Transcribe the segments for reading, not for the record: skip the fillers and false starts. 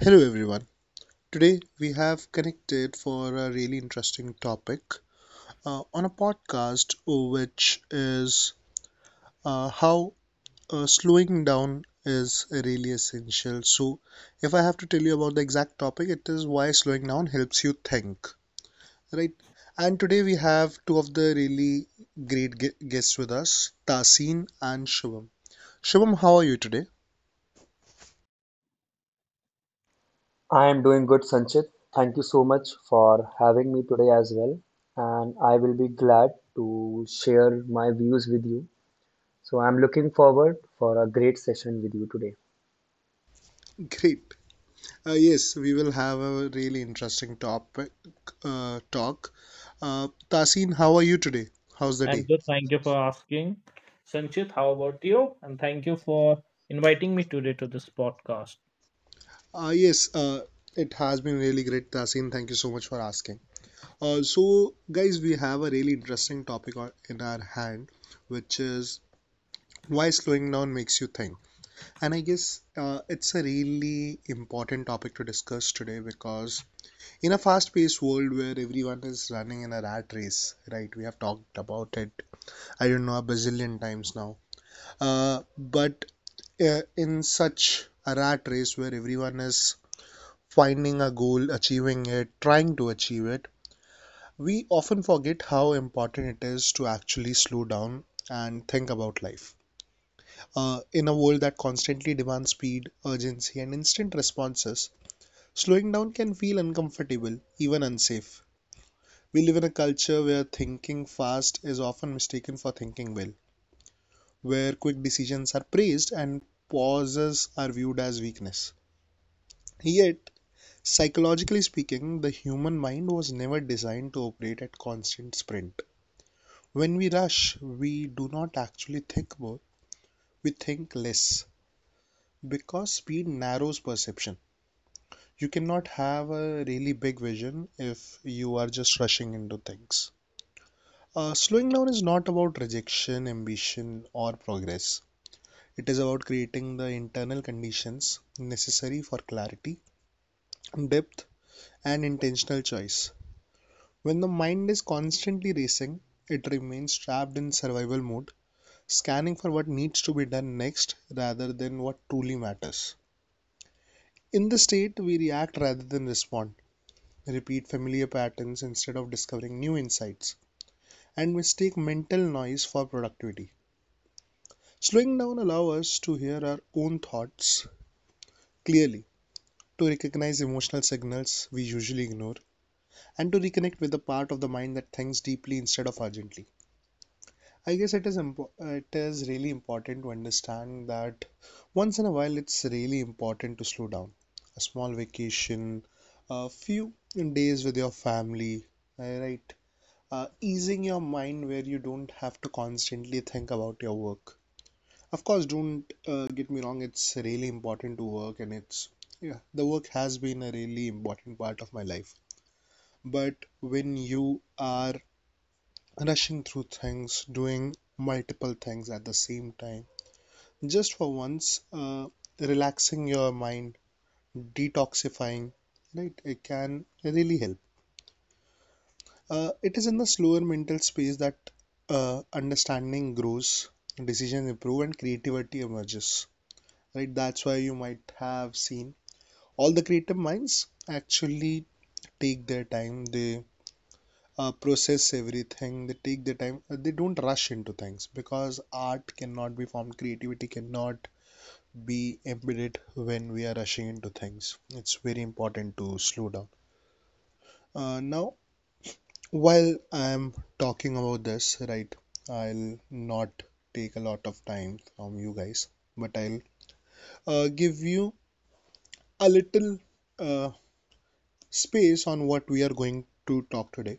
Hello everyone. Today we have connected for a really interesting topic on a podcast, which is how slowing down is really essential. So, if I have to tell you about the exact topic, it is why slowing down helps you think, right? And today we have two of the really great guests with us, Tasin and Shivam. Shivam, how are you today? I am doing good, Sanchit. Thank you so much for having me today as well. And I will be glad to share my views with you. So I'm looking forward for a great session with you today. Great. Yes, we will have a really interesting topic talk. Tasin, how are you today? How's the And day? good. Thank you for asking. Sanchit, how about you? And thank you for inviting me today to this podcast. Yes, it has been really great, Tasin. Thank you so much for asking. So, guys, we have a really interesting topic on, in our hand, which is why slowing down makes you think. And I guess it's a really important topic to discuss today because in a fast-paced world where everyone is running in a rat race, right? We have talked about it, I don't know, a bazillion times now. But in such a rat race where everyone is finding a goal, achieving it, trying to achieve it, we often forget how important it is to actually slow down and think about life. In a world that constantly demands speed, urgency, and instant responses, slowing down can feel uncomfortable, even unsafe. We live in a culture where thinking fast is often mistaken for thinking well, where quick decisions are praised and pauses are viewed as weakness. Yet, psychologically speaking, the human mind was never designed to operate at constant sprint. When we rush, we do not actually think more, we think less because speed narrows perception. You cannot have a really big vision if you are just rushing into things. Slowing down is not about rejection, ambition, or progress. It is about creating the internal conditions necessary for clarity, depth, and intentional choice. When the mind is constantly racing, it remains trapped in survival mode, scanning for what needs to be done next rather than what truly matters. In this state, we react rather than respond, repeat familiar patterns instead of discovering new insights, and mistake mental noise for productivity. Slowing down allows us to hear our own thoughts clearly, to recognize emotional signals we usually ignore, and to reconnect with the part of the mind that thinks deeply instead of urgently. I guess it is it is really important to understand that once in a while it's really important to slow down. A small vacation, a few days with your family, right? Easing your mind where you don't have to constantly think about your work. Of course, don't get me wrong, it's really important to work and it's, yeah, the work has been a really important part of my life. But when you are rushing through things, doing multiple things at the same time, just for once, relaxing your mind, detoxifying, right, it can really help. It is in the slower mental space that understanding grows, decisions improve, and creativity emerges, right? That's why you might have seen all the creative minds actually take their time. They process everything, they take their time, they don't rush into things because art cannot be formed, creativity cannot be embedded when we are rushing into things. It's very important to slow down. Now, while I'm talking about this, right, I'll not take a lot of time from you guys, but I'll give you a little uh, space on what we are going to talk today,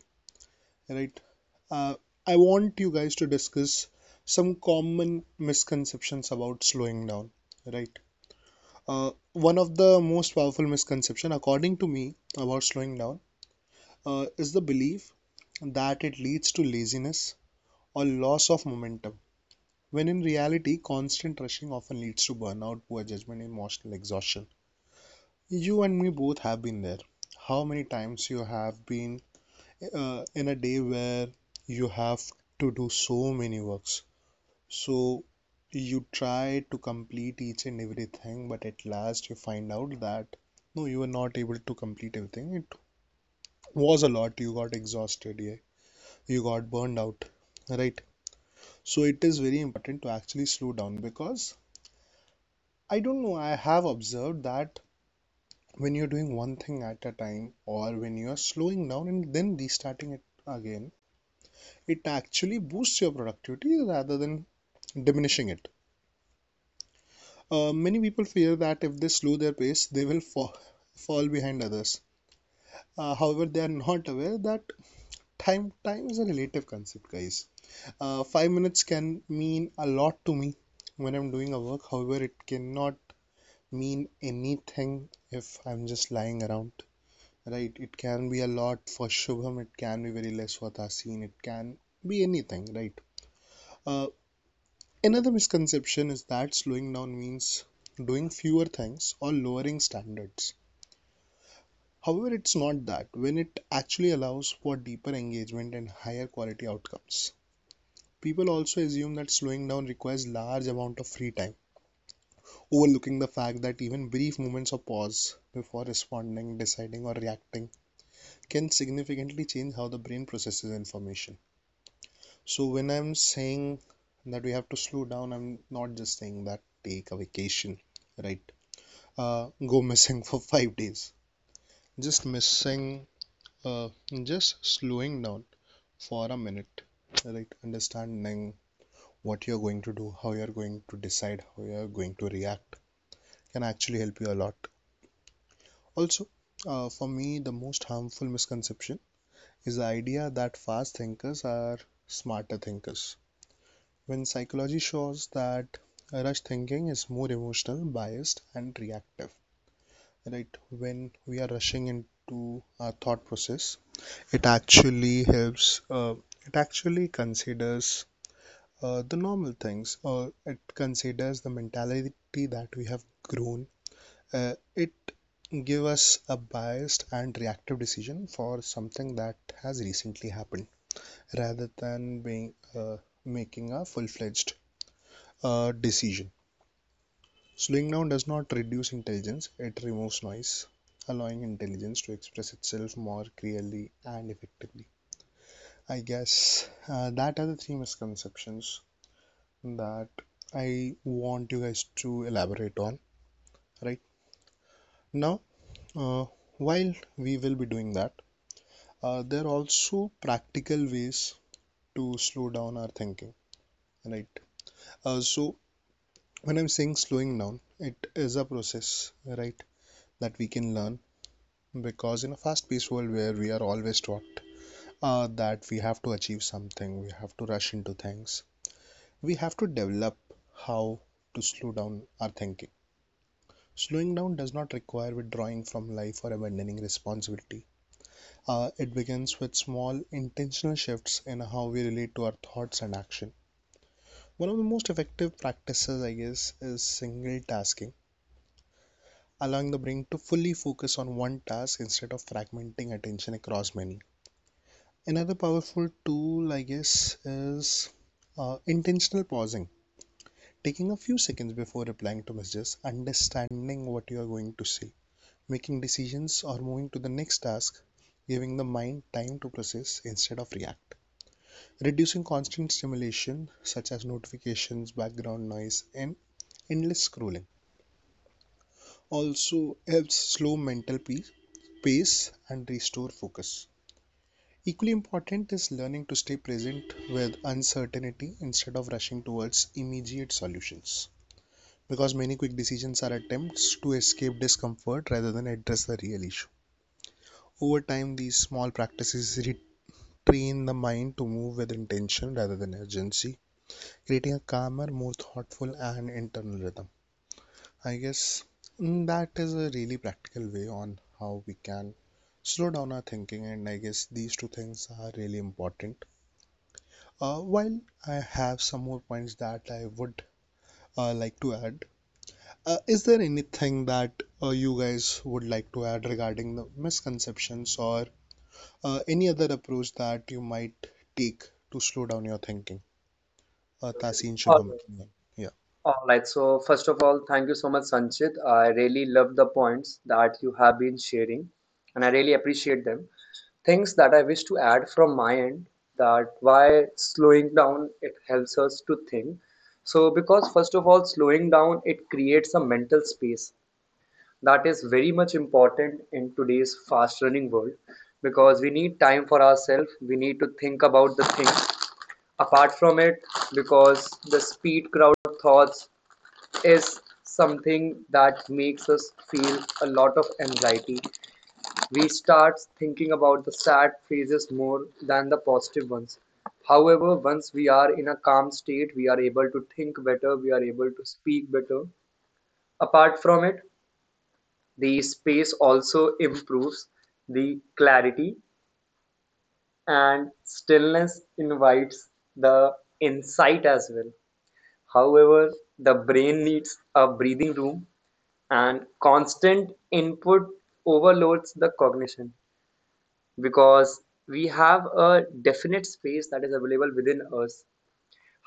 right? Uh, I want you guys to discuss some common misconceptions about slowing down, right? One of the most powerful misconception, according to me, about slowing down is the belief that it leads to laziness or loss of momentum, when in reality, constant rushing often leads to burnout, poor judgment, and emotional exhaustion. You and me both have been there. How many times you have been in a day where you have to do so many works. So you try to complete each and everything, but at last you find out that no, you were not able to complete everything. It was a lot. You got exhausted. Yeah. You got burned out. Right. So it is very important to actually slow down because, I don't know, I have observed that when you're doing one thing at a time or when you're slowing down and then restarting it again, it actually boosts your productivity rather than diminishing it. Many people fear that if they slow their pace, they will fall behind others. However, they are not aware that time is a relative concept, guys. 5 minutes can mean a lot to me when I'm doing a work. However, it cannot mean anything if I'm just lying around, right? It can be a lot for Shubham. It can be very less for Tasin. It can be anything, right? Uh, Another misconception is that slowing down means doing fewer things or lowering standards. However, it's not that, when it actually allows for deeper engagement and higher quality outcomes. People also assume that slowing down requires large amount of free time, overlooking the fact that even brief moments of pause before responding, deciding or reacting can significantly change how the brain processes information. So when I'm saying that we have to slow down, I'm not just saying that take a vacation, right? Go missing for 5 days. Just missing, uh, just slowing down for a minute, like understanding what you're going to do, how you're going to decide, how you're going to react can actually help you a lot. Also, for me, the most harmful misconception is the idea that fast thinkers are smarter thinkers, when psychology shows that rush thinking is more emotional, biased and reactive. Right? When we are rushing into our thought process, it actually helps, it actually considers the normal things, or it considers the mentality that we have grown. Uh, it give us a biased and reactive decision for something that has recently happened, rather than being making a full-fledged decision. Slowing down does not reduce intelligence; it removes noise, allowing intelligence to express itself more clearly and effectively. I guess that are the three misconceptions that I want you guys to elaborate on right now. Uh, while we will be doing that, there are also practical ways to slow down our thinking, right? So, when I'm saying slowing down, it is a process, right, that we can learn because in a fast paced world where we are always taught that we have to achieve something, we have to rush into things, we have to develop how to slow down our thinking. Slowing down does not require withdrawing from life or abandoning responsibility. It begins with small, intentional shifts in how we relate to our thoughts and action. One of the most effective practices, I guess, is single tasking, allowing the brain to fully focus on one task instead of fragmenting attention across many. Another powerful tool, I guess, is intentional pausing, taking a few seconds before replying to messages, understanding what you are going to say, making decisions or moving to the next task, giving the mind time to process instead of react. Reducing constant stimulation such as notifications, background noise, and endless scrolling also helps slow mental pace and restore focus. Equally important is learning to stay present with uncertainty instead of rushing towards immediate solutions because many quick decisions are attempts to escape discomfort rather than address the real issue. Over time, these small practices train the mind to move with intention rather than urgency, creating a calmer, more thoughtful, and internal rhythm. I guess that is a really practical way on how we can slow down our thinking, and I guess these two things are really important. While I have some more points that I would like to add, is there anything that you guys would like to add regarding the misconceptions or any other approach that you might take to slow down your thinking? Tasin, All Shubham. right. Yeah. All right. So first of all, thank you so much, Sanchit. I really love the points that you have been sharing, and I really appreciate them. Things that I wish to add from my end that why slowing down it helps us to think. So because first of all slowing down it creates a mental space that is very much important in today's fast running world, because we need time for ourselves, we need to think about the things. Apart from it, because the speed crowd thoughts is something that makes us feel a lot of anxiety, we start thinking about the sad phases more than the positive ones. However, once we are in a calm state, we are able to think better, we are able to speak better. Apart from it, the space also improves the clarity, and stillness invites the insight as well. However, the brain needs a breathing room and constant input overloads the cognition, because we have a definite space that is available within us.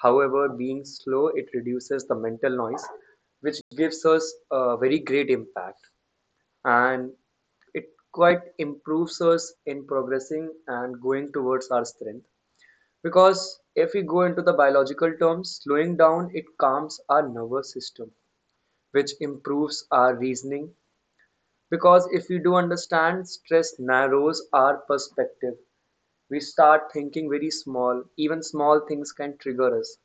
However, being slow, it reduces the mental noise, which gives us a very great impact. And it quite improves us in progressing and going towards our strength. Because if we go into the biological terms, slowing down, it calms our nervous system, which improves our reasoning. Because if we do understand, stress narrows our perspective. We start thinking very small. Even small things can trigger us.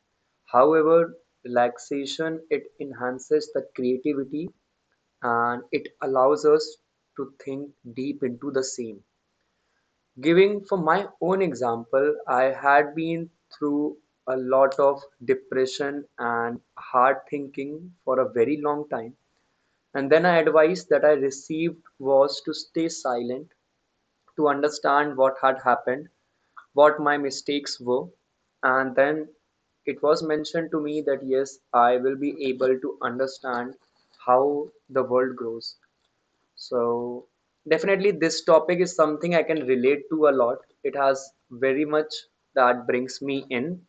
However, relaxation it enhances the creativity and it allows us to think deep into the same. Giving for my own example, I had been through a lot of depression and hard thinking for a very long time. And then I advice that I received was to stay silent, to understand what had happened, what my mistakes were. And then it was mentioned to me that yes, I will be able to understand how the world grows. So, definitely, this topic is something I can relate to a lot. It has very much that brings me in.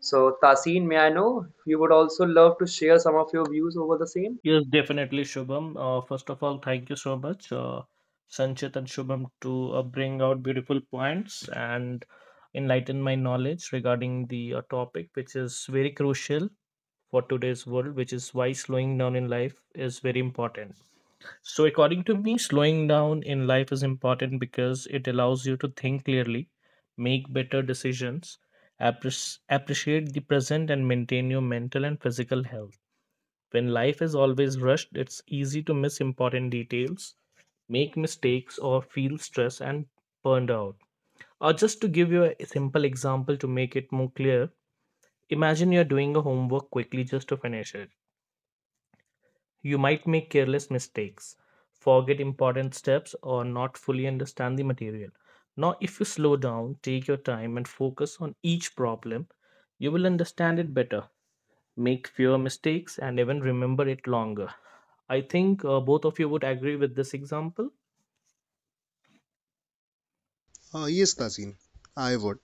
So, Tasin, may I know if you would also love to share some of your views over the same? Yes, definitely, Shubham. First of all, thank you so much, Sanchit and Shubham, to bring out beautiful points and enlighten my knowledge regarding the topic, which is very crucial for today's world, which is why slowing down in life is very important. So, according to me, slowing down in life is important because it allows you to think clearly, make better decisions, appreciate the present, and maintain your mental and physical health. When life is always rushed, it's easy to miss important details, make mistakes, or feel stressed and burned out. Or just to give you a simple example to make it more clear, imagine you're doing a homework quickly just to finish it. You might make careless mistakes, forget important steps, or not fully understand the material. Now, if you slow down, take your time, and focus on each problem, you will understand it better, make fewer mistakes, and even remember it longer. I think both of you would agree with this example. Yes, Tasin. I would.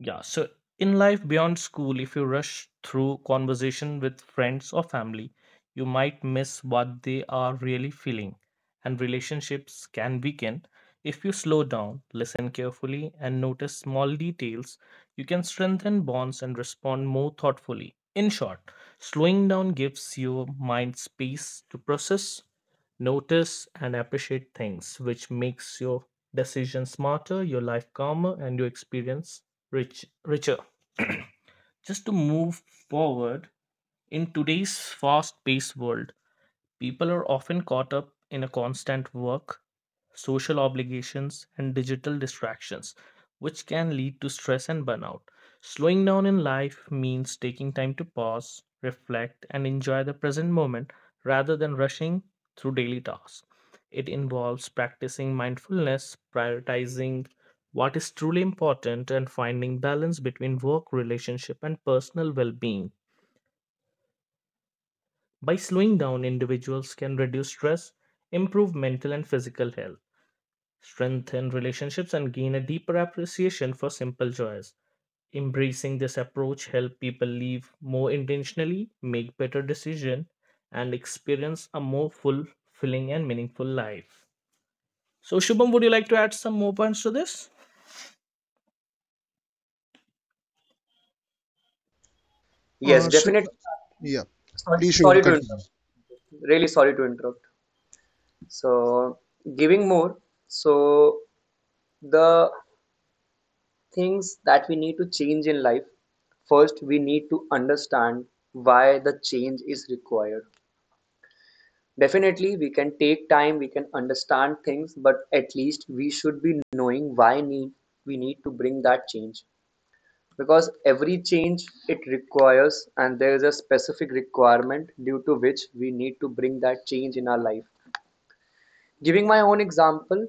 Yeah, so in life beyond school, if you rush through conversation with friends or family, you might miss what they are really feeling, and relationships can weaken. If you slow down, listen carefully, and notice small details, you can strengthen bonds and respond more thoughtfully. In short, slowing down gives your mind space to process, notice and appreciate things, which makes your decisions smarter, your life calmer, and your experience richer. Just to move forward, in today's fast paced world, people are often caught up in a constant work social obligations, and digital distractions, which can lead to stress and burnout. Slowing down in life means taking time to pause, reflect, and enjoy the present moment rather than rushing through daily tasks. It involves practicing mindfulness, prioritizing what is truly important, and finding balance between work, relationship, and personal well being. By slowing down, individuals can reduce stress, improve mental and physical health, strengthen relationships and gain a deeper appreciation for simple joys. Embracing this approach help people live more intentionally, make better decisions, and experience a more fulfilling and meaningful life. So, Shubham, would you like to add some more points to this? Yes, So, definitely. yeah. Sorry, Please, Shubham, sorry to continue. interrupt. Really sorry to interrupt. So, giving more. So, the things that we need to change in life, first, we need to understand why the change is required. Definitely, we can take time, we can understand things, but at least we should be knowing why need we need to bring that change. Because every change it requires, and there is a specific requirement due to which we need to bring that change in our life. Giving my own example,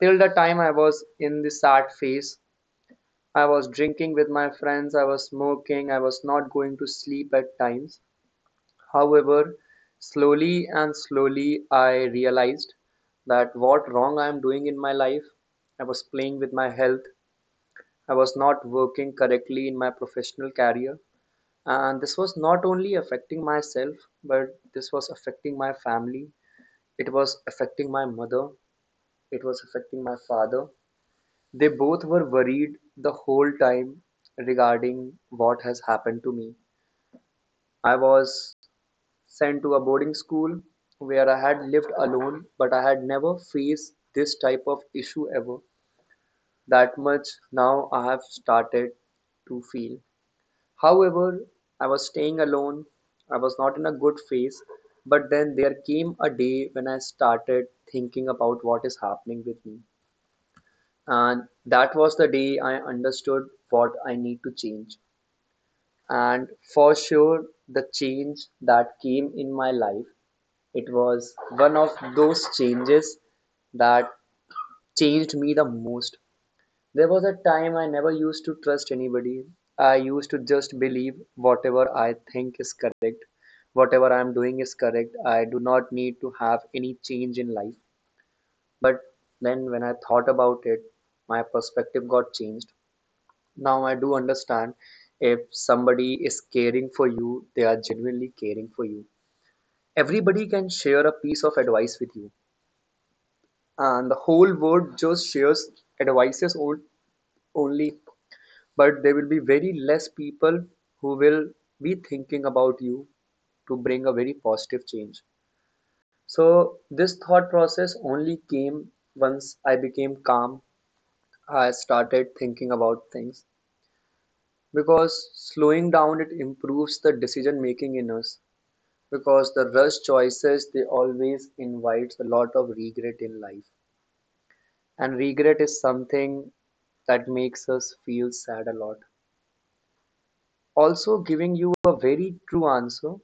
till the time I was in the sad phase, I was drinking with my friends, I was smoking, I was not going to sleep at times. However, slowly and slowly I realized that what wrong I am doing in my life. I was playing with my health. I was not working correctly in my professional career. And this was not only affecting myself, but this was affecting my family, it was affecting my mother, it was affecting my father. They both were worried the whole time regarding what has happened to me. I was sent to a boarding school where I had lived alone, but I had never faced this type of issue ever. That much now I have started to feel. However, I was staying alone. I was not in a good phase. But then there came a day when I started thinking about what is happening with me. And that was the day I understood what I need to change. And for sure, the change that came in my life, it was one of those changes that changed me the most. There was a time I never used to trust anybody. I used to just believe whatever I think is correct, whatever I am doing is correct. I do not need to have any change in life. But then when I thought about it, my perspective got changed. Now I do understand, if somebody is caring for you, they are genuinely caring for you. Everybody can share a piece of advice with you, and the whole world just shares advices on- only, but there will be very less people who will be thinking about you to bring a very positive change. So, this thought process only came once I became calm. I started thinking about things, because slowing down it improves the decision making in us. Because the rush choices, they always invites a lot of regret in life, and regret is something that makes us feel sad a lot. Also giving you a very true answer.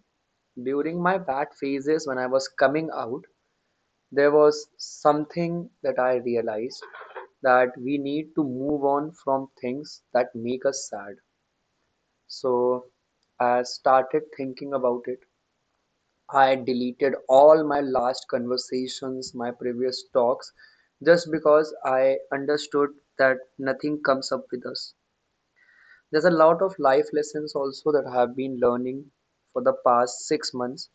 During my bad phases when I was coming out, there was something that I realized, that we need to move on from things that make us sad. So I started thinking about it. I deleted all my last conversations, my previous talks, just because I understood that nothing comes up with us. There's a lot of life lessons also that I have been learning for the past 6 months.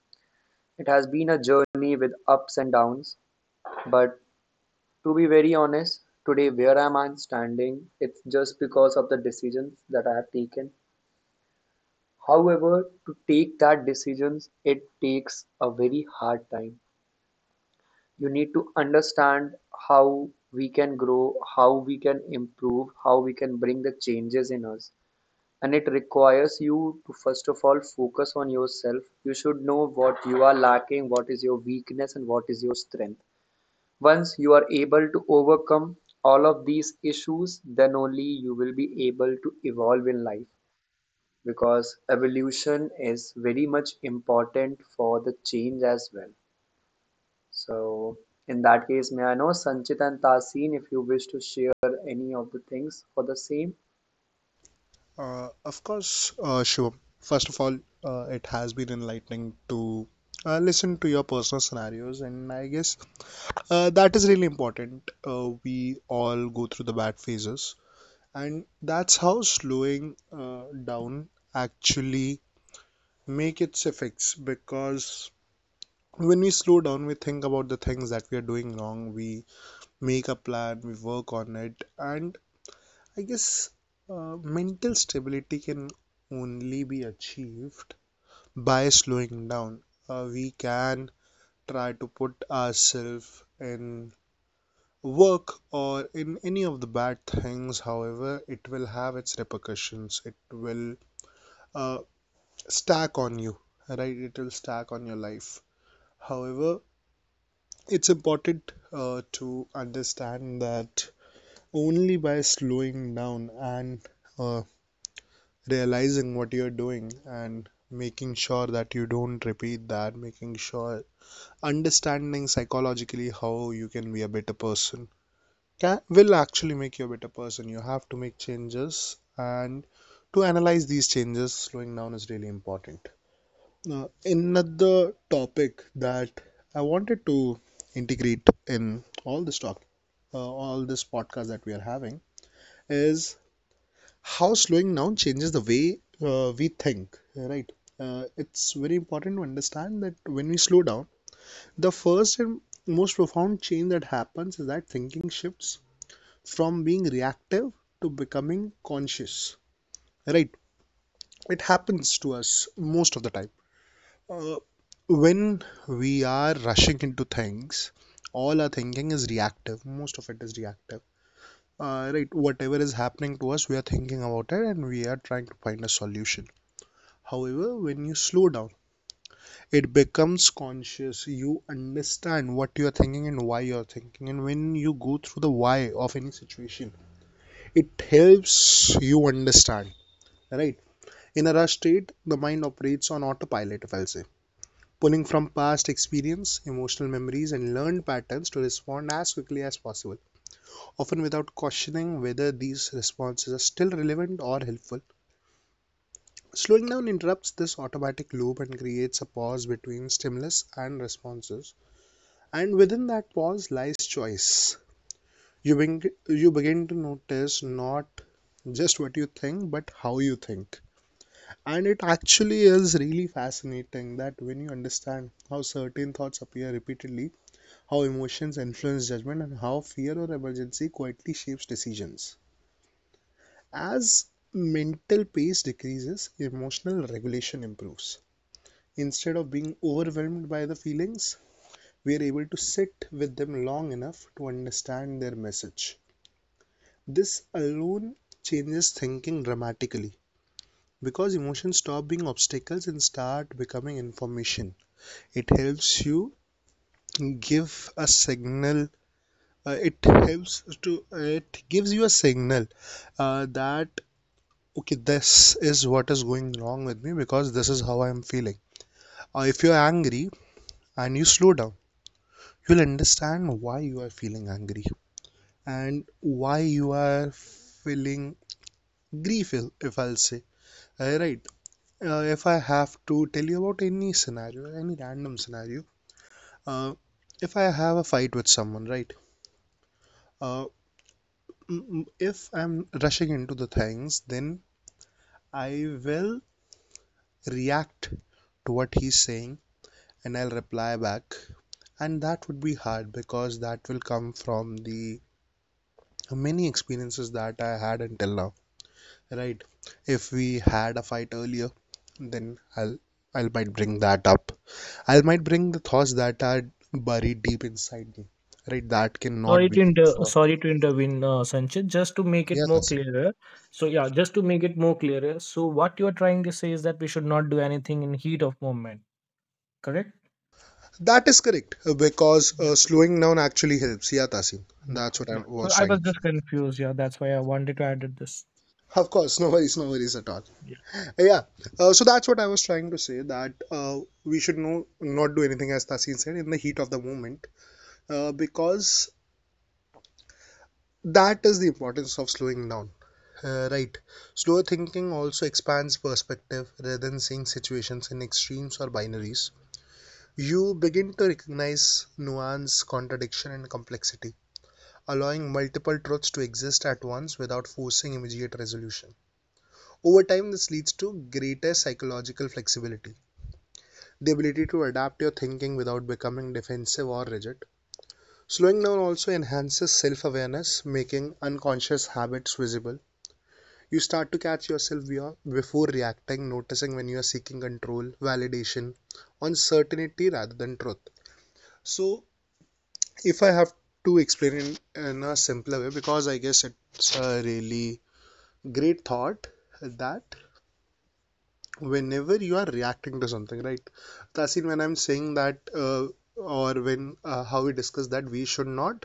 It has been a journey with ups and downs, but to be very honest, today where am I standing? It's just because of the decisions that I have taken. However, to take that decisions, it takes a very hard time. You need to understand how we can grow, how we can improve, how we can bring the changes in us. And it requires you to first of all focus on yourself. You should know what you are lacking, what is your weakness and what is your strength. Once you are able to overcome all of these issues, then only you will be able to evolve in life, because evolution is very much important for the change as well. So in that case, may I know Sanchit and Tasin if you wish to share any of the things for the same. Of course, Shubham. First of all, it has been enlightening to listen to your personal scenarios, and I guess that is really important. We all go through the bad phases, and that's how slowing down actually make its effects because when we slow down we think about the things that we are doing wrong, we make a plan, we work on it, and I guess mental stability can only be achieved by slowing down. We can try to put ourselves in work or in any of the bad things, however, it will have its repercussions, it will uh, stack on you, right? It will stack on your life. However, it's important to understand that only by slowing down and uh, realizing what you're doing and making sure that you don't repeat that, making sure understanding psychologically how you can be a better person can, will actually make you a better person. You have to make changes, and to analyze these changes, slowing down is really important. Now, another topic that I wanted to integrate in all this talk, all this podcast that we are having is how slowing down changes the way we think, right? It's very important to understand that when we slow down, the first and most profound change that happens is that thinking shifts from being reactive to becoming conscious. Right, it happens to us most of the time uh, when we are rushing into things. All our thinking is reactive, most of it is reactive, right? Whatever is happening to us, we are thinking about it and we are trying to find a solution. However, when you slow down, it becomes conscious. You understand what you are thinking and why you are thinking. And when you go through the why of any situation, it helps you understand, right? In a rush state, the mind operates on autopilot, if I'll say, pulling from past experience, emotional memories, and learned patterns to respond as quickly as possible, often without questioning whether these responses are still relevant or helpful. Slowing down interrupts this automatic loop and creates a pause between stimulus and responses. And within that pause lies choice. You begin to notice not just what you think, but how you think. And it actually is really fascinating that when you understand how certain thoughts appear repeatedly, how emotions influence judgment, and how fear or emergency quietly shapes decisions. As mental pace decreases, emotional regulation improves. Instead of being overwhelmed by the feelings, we are able to sit with them long enough to understand their message. This alone changes thinking dramatically because emotions stop being obstacles and start becoming information. It helps you give a signal. It helps to it gives you a signal that okay, this is what is going wrong with me because this is how I am feeling. If you're angry and you slow down, you'll understand why you are feeling angry and why you are feeling grief, if I'll say. uh, right if I have to tell you about any scenario, any random scenario, uh, if I have a fight with someone, uh, mm, mm, if I'm rushing into the things, then I will react to what he's saying and I'll reply back, and that would be hard because that will come from the many experiences that I had until now, right? If we had a fight earlier, then i'll I'll might bring that up. I will might bring the thoughts that are buried deep inside me, right? That cannot Sorry be to good inter- for, sorry to intervene, Sanchit. Just to make it yeah, more Tasim. clearer. So yeah, just to make it more clearer. So what you are trying to say is that we should not do anything in heat of moment, correct? That is correct because slowing down actually helps. Yeah, Tasim, Yeah, that's what I yeah. So was I trying was to say. just confused. Yeah, that's why I wanted to add this. Of course, no worries, no worries at all. Yeah, Yeah, so that's what I was trying to say, that we should, no, not do anything, as Tasim said, in the heat of the moment, because that is the importance of slowing down. Right. Slower thinking also expands perspective. Rather than seeing situations in extremes or binaries, you begin to recognize nuance, contradiction, and complexity, allowing multiple truths to exist at once without forcing immediate resolution. Over time, this leads to greater psychological flexibility, the ability to adapt your thinking without becoming defensive or rigid. Slowing down also enhances self awareness, making unconscious habits visible. You start to catch yourself before reacting, noticing when you are seeking control, validation, uncertainty rather than truth. So, if I have to explain in a simpler way, because I guess it's a really great thought, that whenever you are reacting to something, right, Tasin, when I'm saying that, or when how we discuss that we should not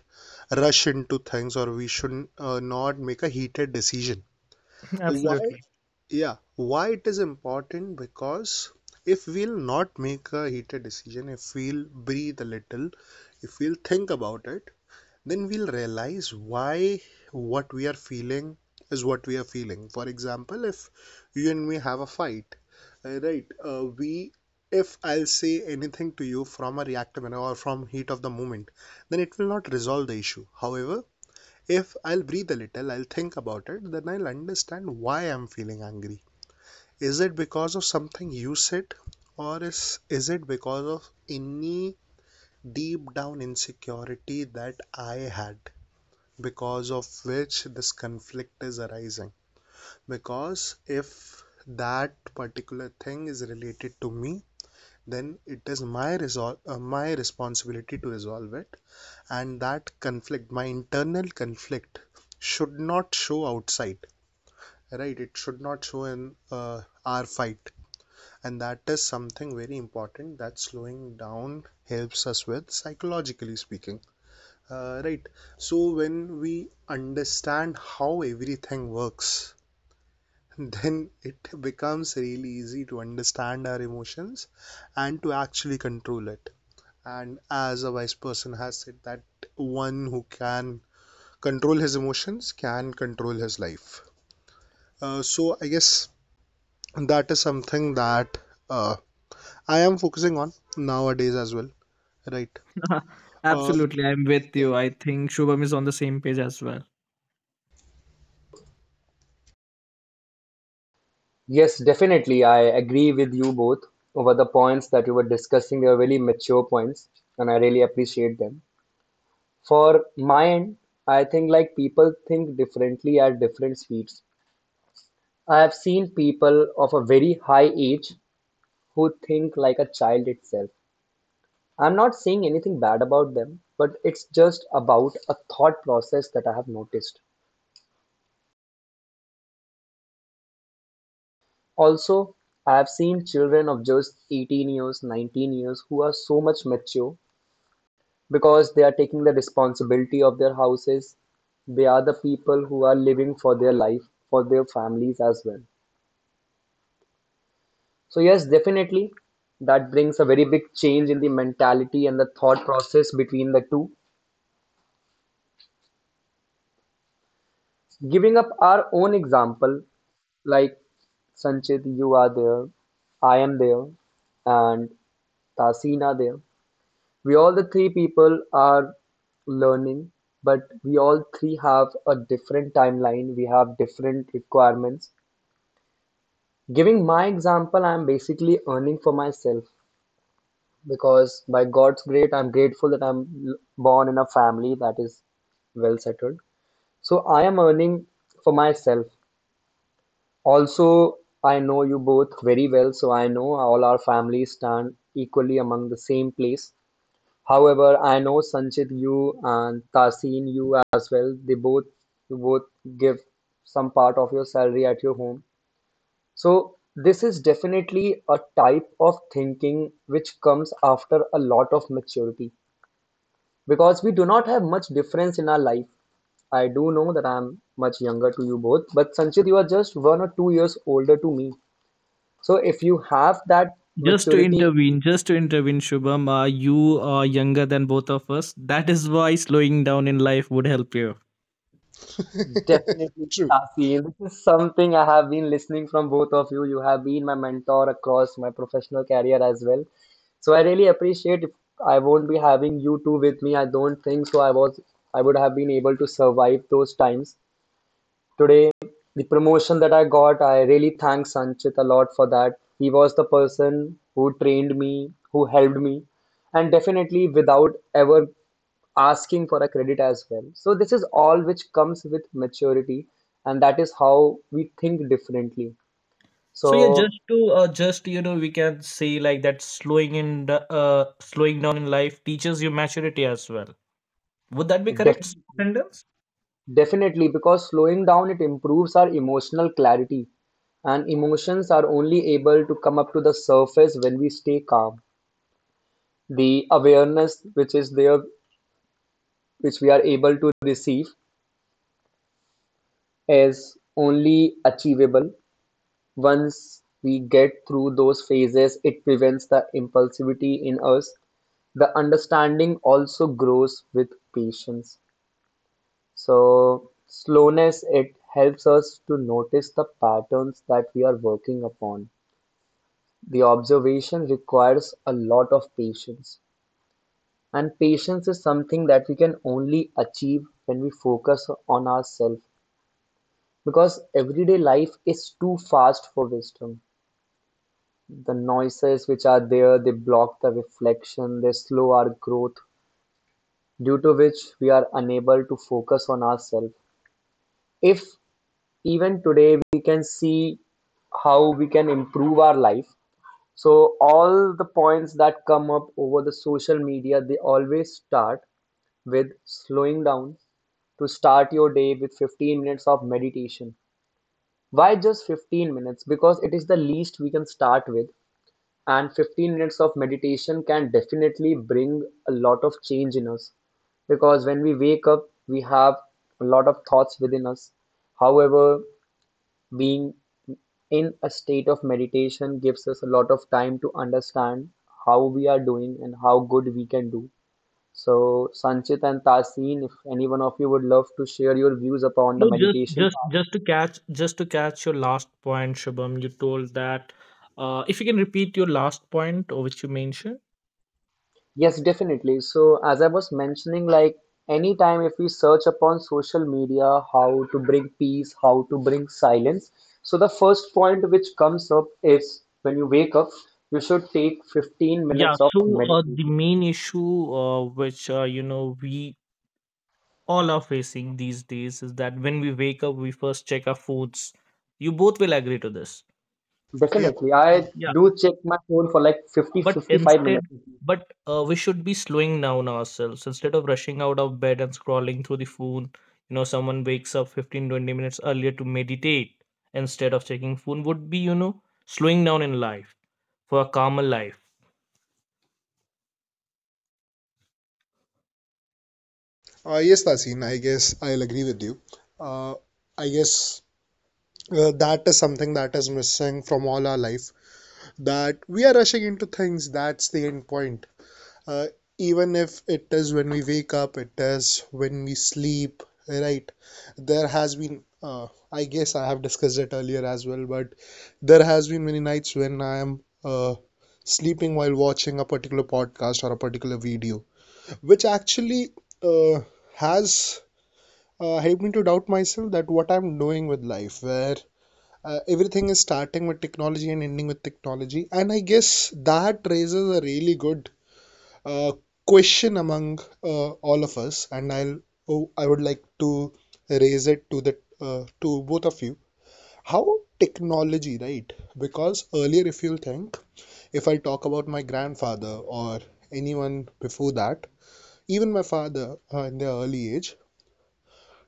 rush into things, or we should not make a heated decision. Why? absolutely. Yeah, why it is important? Because if we'll not make a heated decision, if we'll breathe a little, if we'll think about it, then we'll realize why what we are feeling is what we are feeling. For example, if you and me have a fight, right? We If I'll say anything to you from a reactive manner or from heat of the moment, then it will not resolve the issue. However, if I'll breathe a little, I'll think about it, then I'll understand why I'm feeling angry. Is it because of something you said, or is it because of any deep down insecurity that I had, because of which this conflict is arising? Because if that particular thing is related to me, then it is my my responsibility to resolve it, and that conflict, my internal conflict, should not show outside, right? It should not show in our fight, and that is something very important that slowing down helps us with, psychologically speaking, right? So when we understand how everything works then it becomes really easy to understand our emotions and to actually control it. And as a wise person has said, that one who can control his emotions can control his life. So I guess that is something that uh, I am focusing on nowadays as well. Right. Uh, Absolutely, I'm with yeah. you. I think Shubham is on the same page as well. Yes, definitely. I agree with you both over the points that you were discussing. They were really mature points, and I really appreciate them. For my end, I think like people think differently at different speeds. I have seen people of a very high age who think like a child itself. I'm not saying anything bad about them, but it's just about a thought process that I have noticed. Also, I have seen children of just 18 years, 19 years who are so much mature, because they are taking the responsibility of their houses. They are the people who are living for their life, for their families as well. So yes, definitely that brings a very big change in the mentality and the thought process between the two. Giving up our own example, like Sanchit, you are there, I am there, and Tasin are there. We all the three people are learning, but we all three have a different timeline, we have different requirements. Giving my example, I'm basically earning for myself, because by God's grace, I'm grateful that I'm born in a family that is well settled. So I am earning for myself. Also, I know you both very well, so I know all our families stand equally among the same place. However, I know Sanchit, you and Tasin, you as well, they both you both give some part of your salary at your home. So, this is definitely a type of thinking which comes after a lot of maturity, because we do not have much difference in our life. I do know that I'm much younger to you both, but Sanchit, you are just 1 or 2 years older to me. So, if you have that Just to maturity, intervene, just to intervene, Shubham, you are younger than both of us. That is why slowing down in life would help you. definitely, True. Tasil. This is something I have been listening from both of you. You have been my mentor across my professional career as well. So I really appreciate. If I won't be having you two with me, I don't think so. I would have been able to survive those times. Today, the promotion that I got, I really thank Sanchit a lot for that. He was the person who trained me, who helped me, and definitely without ever asking for a credit as well. So this is all which comes with maturity, and that is how we think differently. So So yeah, just to just we can say like that slowing down in life teaches you maturity as well. Would that be def- correct, Sandel? definitely, because slowing down, it improves our emotional clarity, and emotions are only able to come up to the surface when we stay calm. The awareness which is there, which we are able to receive, is only achievable once we get through those phases. It prevents the impulsivity in us. The understanding also grows with patience. So slowness, it helps us to notice the patterns that we are working upon. The observation requires a lot of patience. And patience is something that we can only achieve when we focus on ourselves, because everyday life is too fast for wisdom. The noises which are there, they block the reflection, they slow our growth, due to which we are unable to focus on ourselves. If even today we can see how we can improve our life, so all the points that come up over the social media, they always start with slowing down to start your day with 15 minutes of meditation. Why just 15 minutes? Because it is the least we can start with, and 15 minutes of meditation can definitely bring a lot of change in us. Because when we wake up, we have a lot of thoughts within us. However, being in a state of meditation gives us a lot of time to understand how we are doing and how good we can do. So, Sanchit and Tasin, if any one of you would love to share your views upon the No, just meditation just part. just to catch just to catch your last point, Shubham. You told that if you can repeat your last point, or which you mentioned. Yes, definitely. So, as I was mentioning, like anytime if we search upon social media, how to bring peace, how to bring silence. So, the first point which comes up is when you wake up, you should take 15 Yeah, minutes of so the meditation. main issue which we all are facing these days is that when we wake up, we first check our foods. You both will agree to this. Yeah, Definitely. I I do. do check my phone for like 50, But 55 instead minutes. but we should be slowing down ourselves instead of rushing out of bed and scrolling through the phone. Someone wakes up 15, 20 minutes earlier to meditate instead of checking phone would be slowing down in life for a calmer life. Yes, Tasin, I guess I'll agree with you. Uh, I guess that is something that is missing from all our life, that we are rushing into things. That's the end point. Uh, even if it is when we wake up, it is when we sleep, right? There has been, I guess I have discussed it earlier as well, but there has been many nights when I am uh, sleeping while watching a particular podcast or a particular video, which actually uh, has helped me to doubt myself, that what I'm doing with life, where everything is starting with technology and ending with technology. And I guess that raises a really good uh, question among all of us, and I would like to raise it to the to both of you. How technology, right? Because earlier, if you think, if I talk about my grandfather or anyone before that, even my father, in their early age,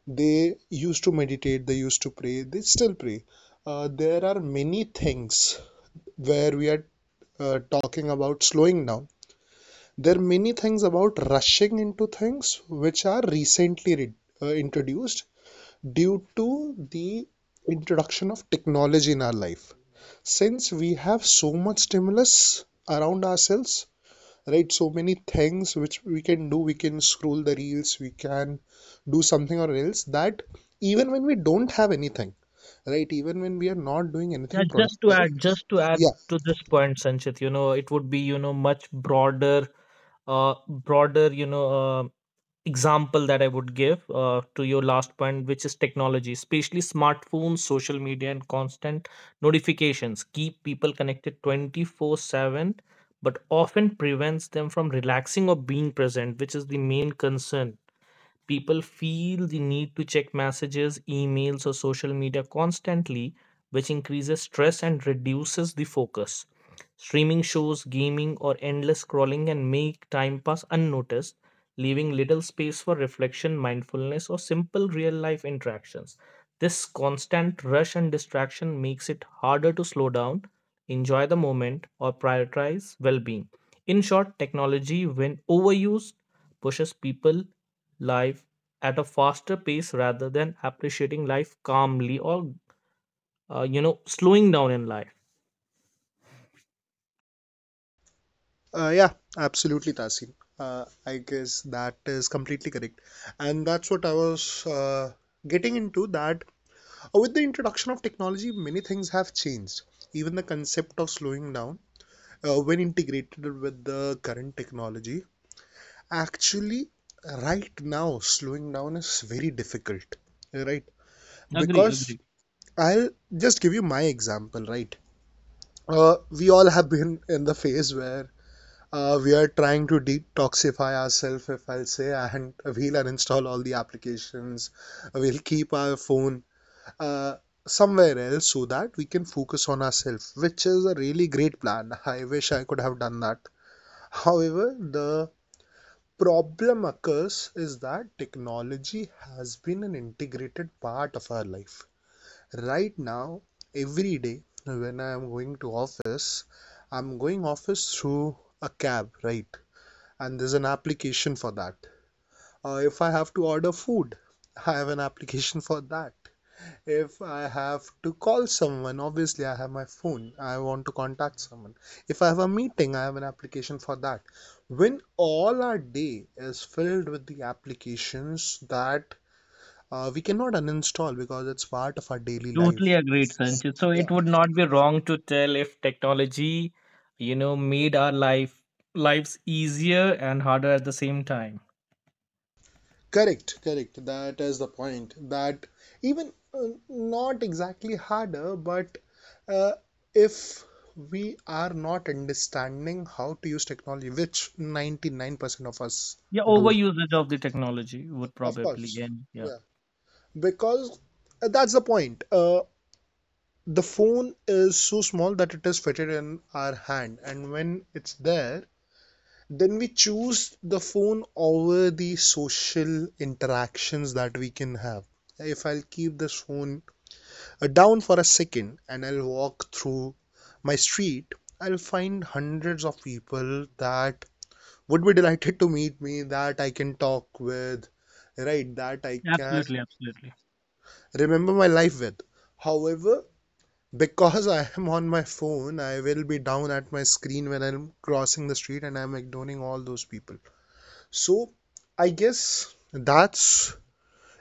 they used to meditate, they used to pray, they still pray. There are many things where we are talking about slowing down, there are many things about rushing into things, which are recently introduced due to the introduction of technology in our life, since we have so much stimulus around ourselves, right? So many things which we can do, we can scroll the reels, we can do something or else, that even when we don't have anything, right, even when we are not doing Yeah, anything just to productive. add just to add Yeah. to this point, Sanchit. It would be much broader example that I would give to your last point, which is technology. Especially smartphones, social media, and constant notifications keep people connected 24/7, but often prevents them from relaxing or being present, which is the main concern. People feel the need to check messages, emails, or social media constantly, which increases stress and reduces the focus. Streaming shows, gaming, or endless scrolling can make time pass unnoticed, leaving little space for reflection, mindfulness, or simple real life interactions. This constant rush and distraction makes it harder to slow down, enjoy the moment, or prioritize well being. In short, technology, when overused, pushes people life at a faster pace rather than appreciating life calmly or slowing down in life. Yeah, absolutely, Tasin. I guess that is completely correct. And that's what I was getting into, that with the introduction of technology, many things have changed. Even the concept of slowing down, when integrated with the current technology, actually, right now, slowing down is very difficult, right? Agree, Because agree. I'll just give you my example, right? We all have been in the phase where we are trying to detoxify ourselves, if I'll say, and we'll uninstall all the applications. We'll keep our phone uh, somewhere else, so that we can focus on ourselves, which is a really great plan. I wish I could have done that. However, the problem occurs is that technology has been an integrated part of our life. Right now, every day when I am going to office, I'm going office through a cab, right? And there's an application for that. If I have to order food, I have an application for that. If I have to call someone, obviously I have my phone. I want to contact someone. If I have a meeting, I have an application for that. When all our day is filled with the applications that we cannot uninstall because it's part of our daily life. Totally agreed, Sanchit. So it Yeah. would not be wrong to tell if technology, made our life lives easier and harder at the same time. Correct, correct. That is the point. That even not exactly harder, but uh, if we are not understanding how to use technology, which 99% of us Yeah, don't, overusage of the technology would of probably course, end. Yeah, yeah, because that's the point. The phone is so small that it is fitted in our hand, and when it's there, then we choose the phone over the social interactions that we can have. If I'll keep this phone down for a second and I'll walk through my street, I'll find hundreds of people that would be delighted to meet me, that I can talk with, right? That I can absolutely, absolutely. remember my life with. However, because I am on my phone, I will be down at my screen when I'm crossing the street and I'm ignoring all those people. So I guess that's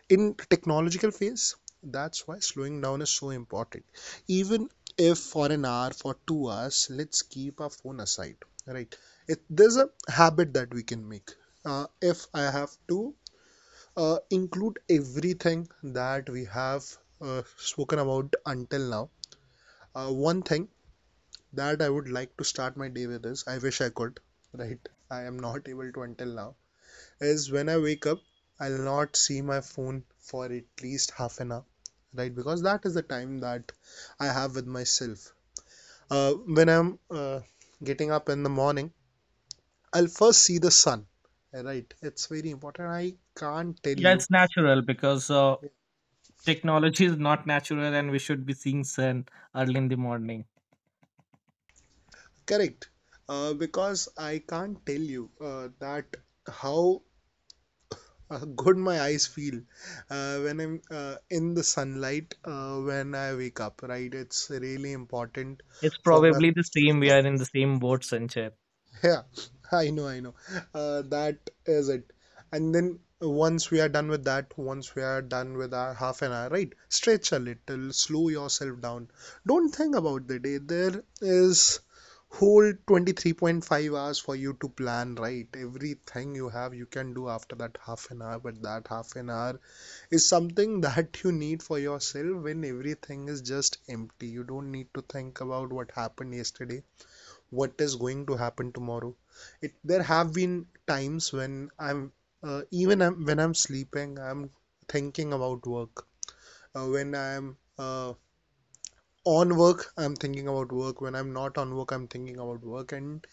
in technological phase. That's why slowing down is so important. Even if for an hour, for 2 hours, let's keep our phone aside. Right? There's a habit that we can make. If I have to include everything that we have spoken about until now, one thing that I would like to start my day with is I wish I could. Right? I am not able to until now is when I wake up, I'll not see my phone for at least half an hour, right? Because that is the time that I have with myself. When I'm getting up in the morning, I'll first see the sun, right? It's very important. I can't tell Yeah, you. it's natural because Yeah. technology is not natural, and we should be seeing sun early in the morning. Correct? Because I can't tell you that how good my eyes feel when I'm in the sunlight when I wake up, right? It's really important It's for our probably the eyes to same. get We are that. in the same boat, Sanchit. Yeah, I know, I know. That is it. And then once we are done with that, once we are done with our half an hour, right? Stretch a little, slow yourself down. Don't think about the day. There is whole 23.5 hours for you to plan, right? Everything you can do after that half an hour, but that half an hour is something that you need for yourself, when everything is just empty. You don't need to think about what happened yesterday, what is going to happen tomorrow. It There have been times when I'm even when I'm sleeping, I'm thinking about work. When I'm on work, I'm thinking about work. When I'm not on work, I'm thinking about work, and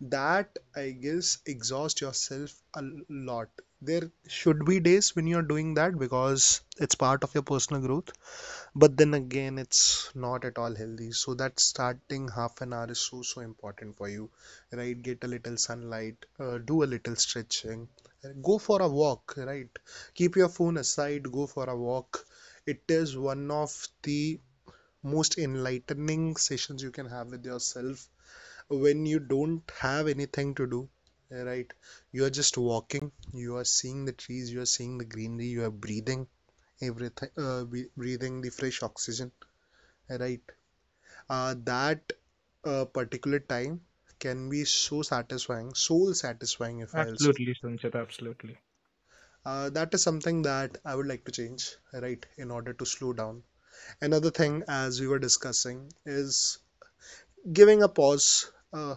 that, I guess, exhausts yourself a lot. There should be days when you're doing that because it's part of your personal growth, but then again it's not at all healthy. So that starting half an hour is so important for you. Right? Get a little sunlight, do a little stretching, go for a walk. Right? Keep your phone aside, go for a walk. It is one of the most enlightening sessions you can have with yourself when you don't have anything to do. Right? You are just walking, you are seeing the trees, you are seeing the greenery, you are breathing everything, breathing the fresh oxygen. Right? That particular time can be so satisfying, soul satisfying, if I'll say. Absolutely, Sanchit, absolutely. That is something that I would like to change, right, in order to slow down. Another thing, as we were discussing, is giving a pause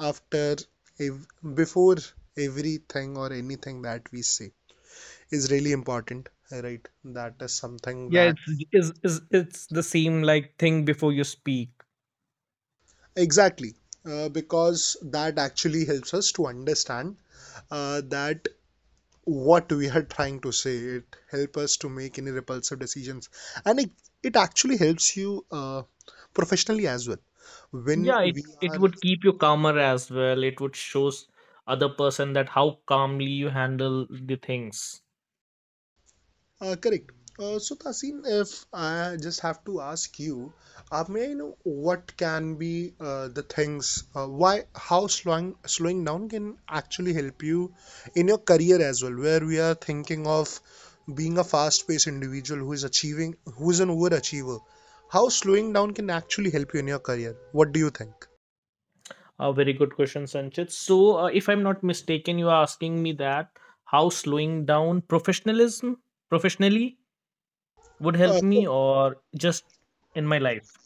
after ev- before everything or anything that we say is really important. Right? That is something Yeah, that it's is it's the same like thing before you speak. exactly, because that actually helps us to understand that what we are trying to say. It helps us to make any repulsive decisions, and it actually helps you professionally as well when Yeah, it we it are. would keep you calmer as well. It would shows other person that how calmly you handle the things. Correct. So, Tasin, if I just have to ask you, may I know what can be the things, how slowing down can actually help you in your career as well, where we are thinking of being a fast-paced individual who is achieving, who is an overachiever. How slowing down can actually help you in your career? What do you think? A very good question, Sanchit. So, if I'm not mistaken, you are asking me that how slowing down professionalism professionally would Uh, help me or just in my life.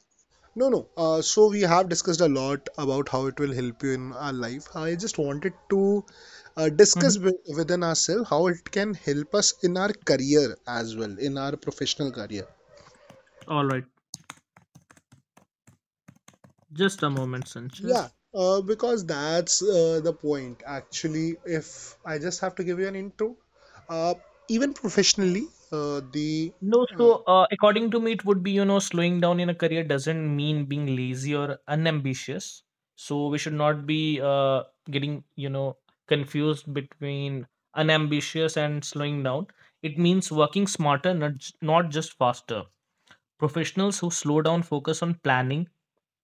No, no. So we have discussed a lot about how it will help you in our life. I just wanted to discuss Mhm. Within ourselves how it can help us in our career as well, in our professional career. All right, just a moment, Sanchit. Yeah, because that's the point. Actually, if I just have to give you an intro, uh, even professionally, the No, uh, so according to me, it would be, slowing down in a career doesn't mean being lazy or unambitious. So we should not be getting, confused between unambitious and slowing down. It means working smarter, not just faster. Professionals who slow down focus on planning,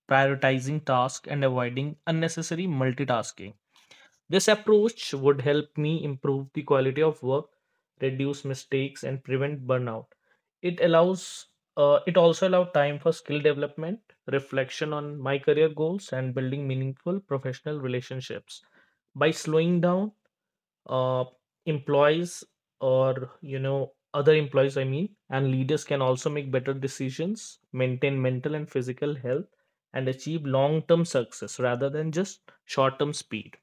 prioritizing tasks, and avoiding unnecessary multitasking. This approach would help me improve the quality of work, reduce mistakes, and prevent burnout. It allows uh, it also allows time for skill development, reflection on my career goals and building meaningful professional relationships. By slowing down, uh, employees or other employees, I mean, and leaders can also make better decisions, maintain mental and physical health, and achieve long term success rather than just short term speed.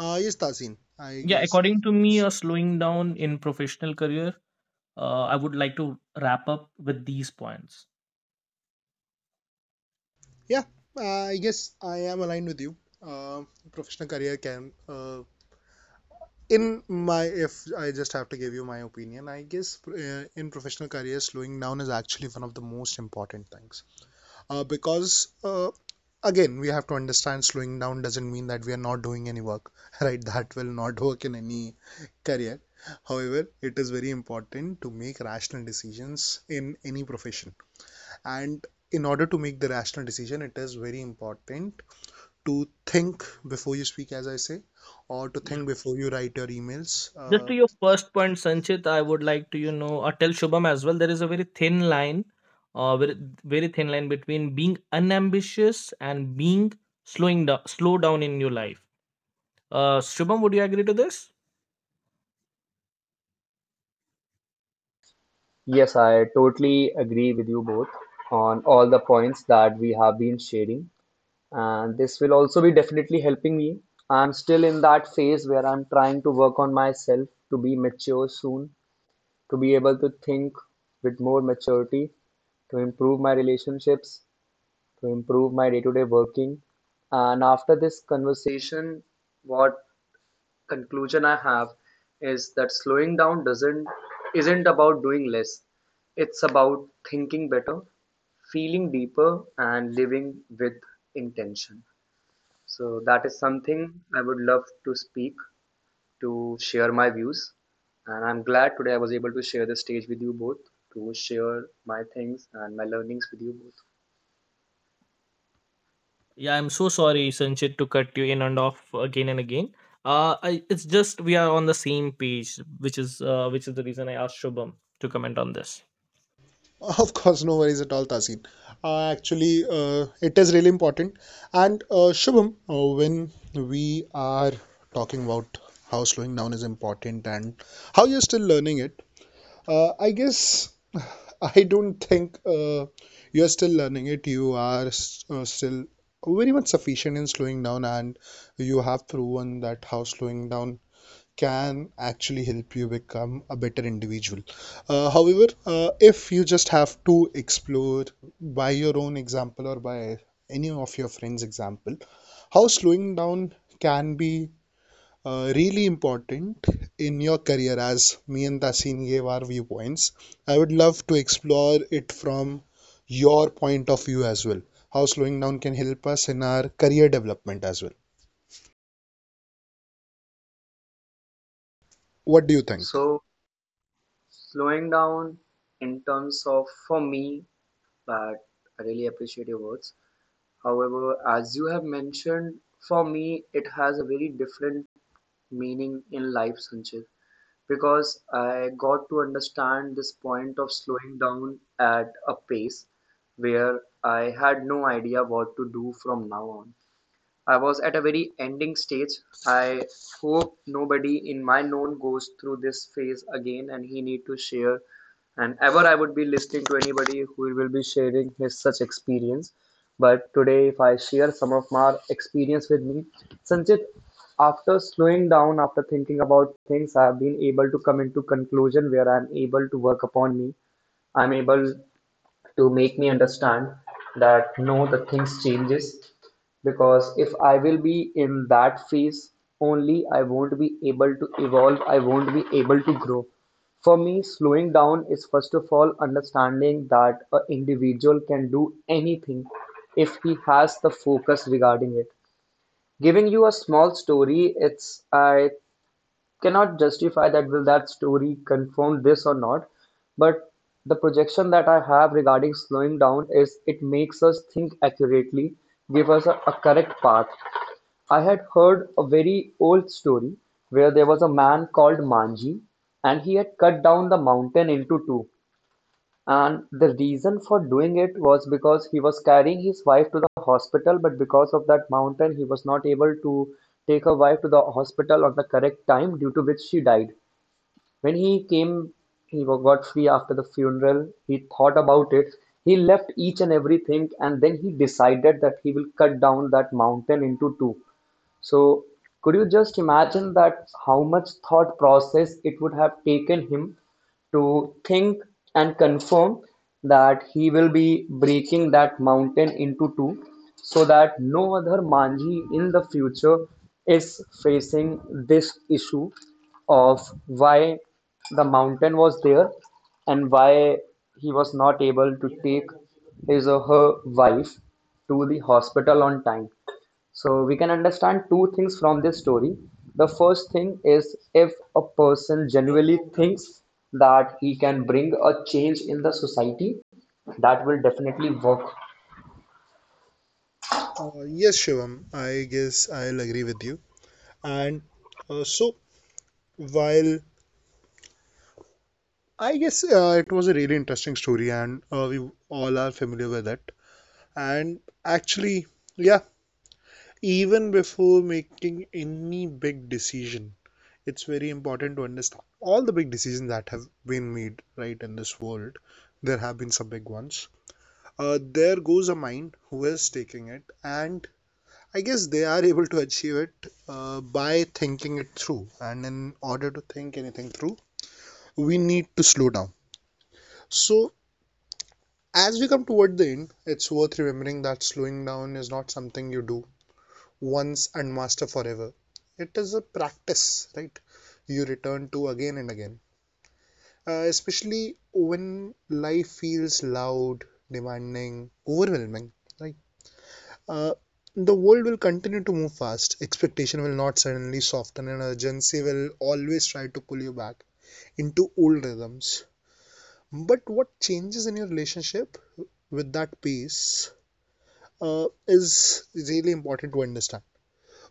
yes, Tazin, I Yeah, guess. according to me, a slowing down in professional career, I would like to wrap up with these points. Yeah, I guess I am aligned with you. Uh, Professional career can, in my, if I just have to give you my opinion, I guess, in professional careers, slowing down is actually one of the most important things, because, uh, again, we have to understand slowing down doesn't mean that we are not doing any work. Right? That will not work in any career. However, it is very important to make rational decisions in any profession, and in order to make the rational decision, it is very important to think before you speak, as I say, or to think before you write your emails. Just uh, to your first point, Sanchit, I would like to, tell Shubham as well. There is a very thin line, very, very thin line between being unambitious and being slow down in your life. Shubham, would you agree to this? Yes, I totally agree with you both on all the points that we have been sharing. And this will also be definitely helping me. I'm still in that phase where I'm trying to work on myself to be mature soon, to be able to think with more maturity, to improve my relationships, to improve my day-to-day working. And after this conversation, what conclusion I have is that slowing down doesn't isn't about doing less. It's about thinking better, feeling deeper, and living with intention. So that is something I would love to speak, to share my views, and I'm glad today I was able to share the stage with you both to share my things and my learnings with you both. Yeah, I'm so sorry, Sanchit, to cut you in and off again and again. It's just we are on the same page, which is the reason I asked Shubham to comment on this. Of course, no worries at all, Tasin. Actually, it is really important. And Shubham, when we are talking about how slowing down is important and how you're still learning it, I guess I don't think you're still learning it. You are still very much sufficient in slowing down, and you have proven that how slowing down can actually help you become a better individual. However, if you just have to explore by your own example or by any of your friends' example, how slowing down can be really important in your career, as me and Tasin gave our viewpoints. I would love to explore it from your point of view as well. How slowing down can help us in our career development as well. What do you think? So slowing down in terms of, for me, but I really appreciate your words. However, as you have mentioned, for me it has a very different meaning in life, Sanchit, because I got to understand this point of slowing down at a pace where I had no idea what to do from now on. I was at a very ending stage. I hope nobody in my known goes through this phase again, and he need to share, and ever I would be listening to anybody who will be sharing his such experience. But today, if I share some of my experience with me, Sanchit, after slowing down, after thinking about things, I have been able to come into conclusion where I am able to work upon me. I'm able to make me understand that no, the things changes, because if I will be in that phase only, I won't be able to evolve, I won't be able to grow. For me, slowing down is first of all understanding that an individual can do anything if he has the focus regarding it. Giving you a small story, it's, I cannot justify that will that story confirm this or not, but the projection that I have regarding slowing down is it makes us think accurately, give us a correct path. I had heard a very old story where there was a man called Manji, and he had cut down the mountain into two, and the reason for doing it was because he was carrying his wife to the hospital, but because of that mountain he was not able to take her wife to the hospital on the correct time, due to which she died. When he came, he got free after the funeral, he thought about it. He left each and everything, and then he decided that he will cut down that mountain into two. So could you just imagine that how much thought process it would have taken him to think and confirm that he will be breaking that mountain into two so that no other Manji in the future is facing this issue of why the mountain was there and why he was not able to take his or her wife to the hospital on time. So we can understand two things from this story. The first thing is, if a person genuinely thinks that he can bring a change in the society, that will definitely work. Yes, Shivam, I guess I'll agree with you. And so, while I guess it was a really interesting story, and we all are familiar with it. And actually, yeah, even before making any big decision, it's very important to understand all the big decisions that have been made right in this world. There have been some big ones. There goes a mind who is taking it, and I guess they are able to achieve it by thinking it through. And in order to think anything through, we need to slow down. So, as we come toward the end, it's worth remembering that slowing down is not something you do once and master forever. It is a practice, right? You return to again and again. Especially when life feels loud, demanding, overwhelming, right? Uh, the world will continue to move fast. Expectation will not suddenly soften, and urgency will always try to pull you back into old rhythms. But what changes in your relationship with that pace is really important to understand.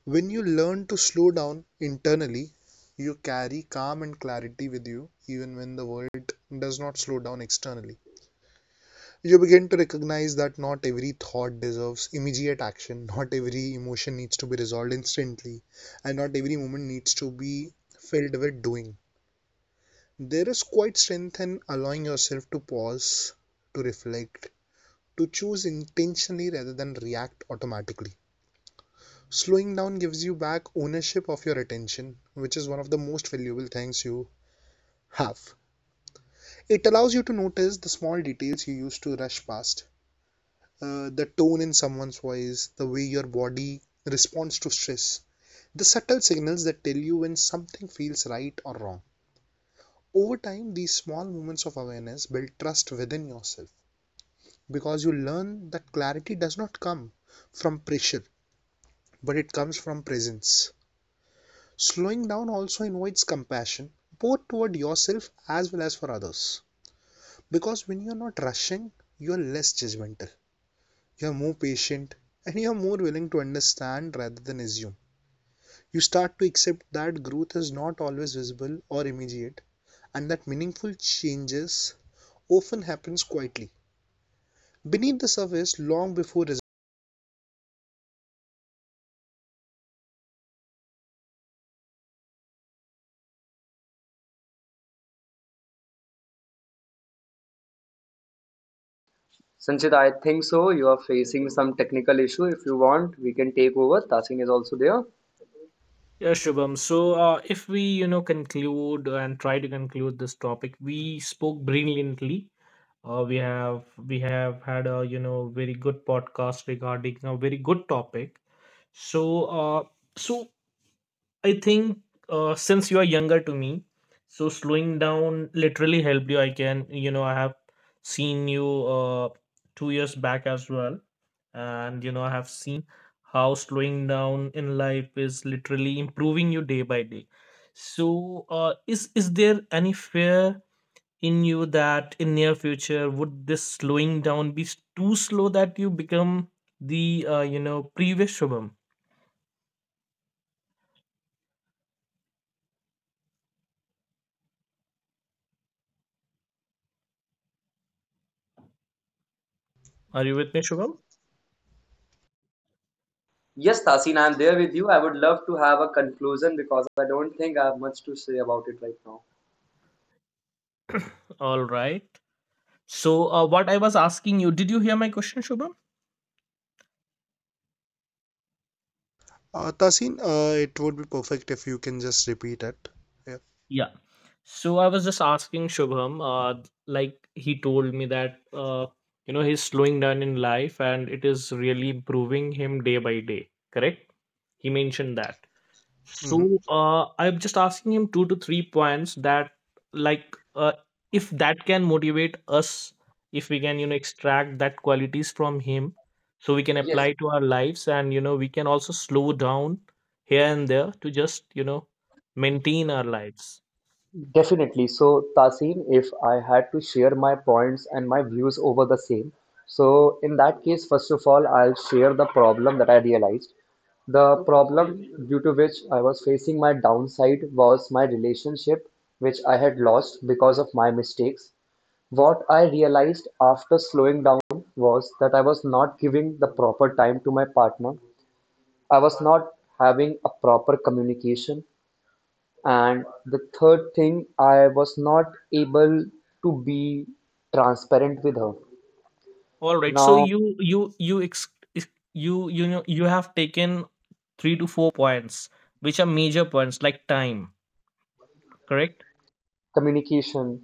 When you learn to slow down internally, you carry calm and clarity with you, even when the world does not slow down externally. You begin to recognize that not every thought deserves immediate action, not every emotion needs to be resolved instantly, and not every moment needs to be filled with doing. There is quite strength in allowing yourself to pause, to reflect, to choose intentionally rather than react automatically. Slowing down gives you back ownership of your attention, which is one of the most valuable things you have. It allows you to notice the small details you used to rush past, the tone in someone's voice, the way your body responds to stress, the subtle signals that tell you when something feels right or wrong. Over time, these small moments of awareness build trust within yourself, because you learn that clarity does not come from pressure, but it comes from presence. Slowing down also invites compassion, both toward yourself as well as for others, because when you're not rushing, you're less judgmental, you're more patient, and you're more willing to understand rather than assume. You start to accept that growth is not always visible or immediate, and that meaningful changes often happens quietly beneath the surface long before. Sanchit, I think so you are facing some technical issue. If you want, we can take over. Tasin is also there. Yeah, Shubham. So, if we, conclude and try to conclude this topic, we spoke brilliantly. We have had a, very good podcast regarding a very good topic. So, so I think since you are younger to me, so slowing down literally helped you. I have seen you uh, 2 years back as well, and I have seen how slowing down in life is literally improving you day by day. So is there any fear in you that in near future would this slowing down be too slow that you become the previous Shubham? Are you with me, Shubham? Yes, Tasin, I'm there with you. I would love to have a conclusion because I don't think I have much to say about it right now. All right, so what I was asking, you did you hear my question, Shubham? Tasin, it would be perfect if you can just repeat it. Yeah. Yeah. So I was just asking Shubham, like he told me that he's slowing down in life and it is really improving him day by day. Correct? He mentioned that. Hmm. So I'm just asking him two to three points that like if that can motivate us, if we can extract that qualities from him, so we can Yes. apply to our lives and we can also slow down here and there to just maintain our lives. Definitely. So, Tasin, if I had to share my points and my views over the same, so in that case, first of all, I'll share the problem that I realized. The problem due to which I was facing my downside was my relationship, which I had lost because of my mistakes. What I realized after slowing down was that I was not giving the proper time to my partner. I was not having a proper communication. And the third thing, I was not able to be transparent with her. All right. So Now, ex- you you know you have taken three to four points, which are major points like time, correct? communication,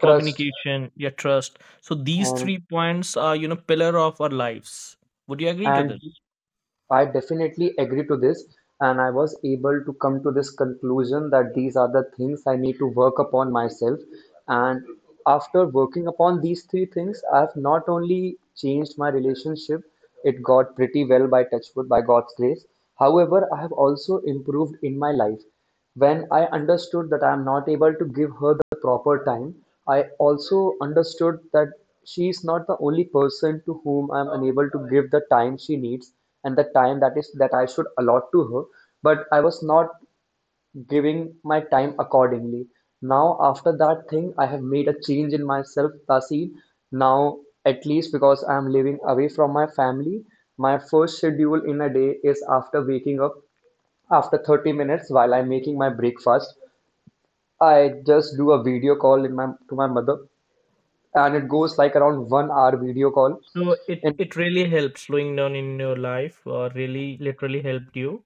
trust, Communication, your trust. So these and three points are, pillar of our lives. Would you agree to and this? I definitely agree to this. And I was able to come to this conclusion that these are the things I need to work upon myself. And after working upon these three things, I've not only changed my relationship, it got pretty well, by touchwood, by God's grace. However, I have also improved in my life. When I understood that I am not able to give her the proper time, I also understood that she is not the only person to whom I am unable to give the time she needs and the time that is that I should allot to her. But I was not giving my time accordingly. Now, after that thing, I have made a change in myself, Tasin. Now, at least because I am living away from my family, my first schedule in a day is, after waking up, after 30 minutes, while I'm making my breakfast, I just do a video call in my to my mother, and it goes like around 1 hour video call. So it And it really helped slowing down in your life, or really literally helped you.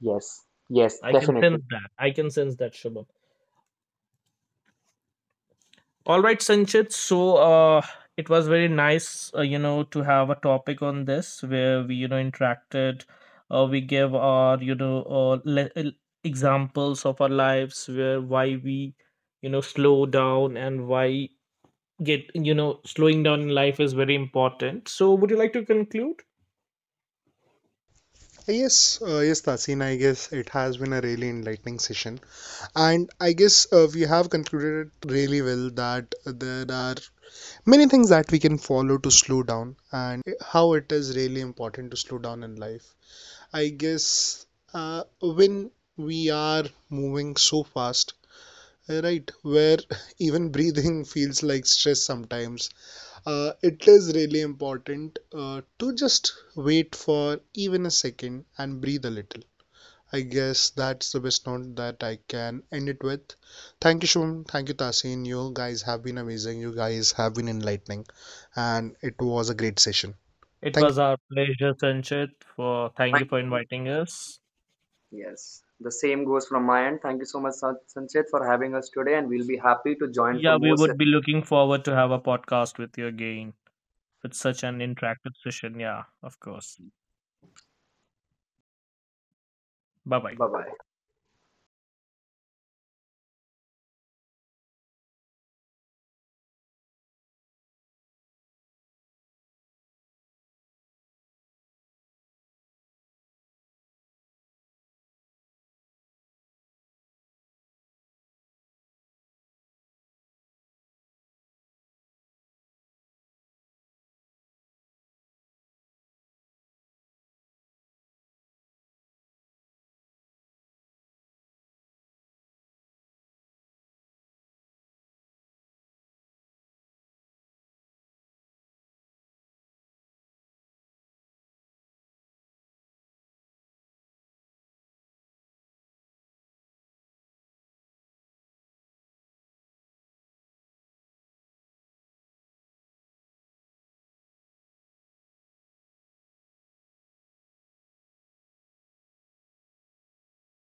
yes, yes, I can definitely. sense that. I can sense that, Shubham. All right, Sanchit. So, it was very nice, to have a topic on this where we, interacted. We gave our, examples of our lives where why we, slow down and why get, slowing down in life is very important. So, would you like to conclude? Yes, Tasin, I guess it has been a really enlightening session. And I guess we have concluded it really well that there are many things that we can follow to slow down and how it is really important to slow down in life. I guess when we are moving so fast, right, where even breathing feels like stress sometimes, it is really important to just wait for even a second and breathe a little. I guess that's the best note that I can end it with. Thank you, Shubham. Thank you, Tasin. You guys have been amazing. You guys have been enlightening, and it was a great session. It Thank you. was our pleasure, Sanchit. For thank you Thank for you. inviting us. Yes, the same goes from my end. Thank you so much, Sanchit, for having us today, and we'll be happy to join for Yeah, we more would sessions. be looking forward to have a podcast with you again, with such an interactive session. Yeah, of course. Bye bye. Bye bye.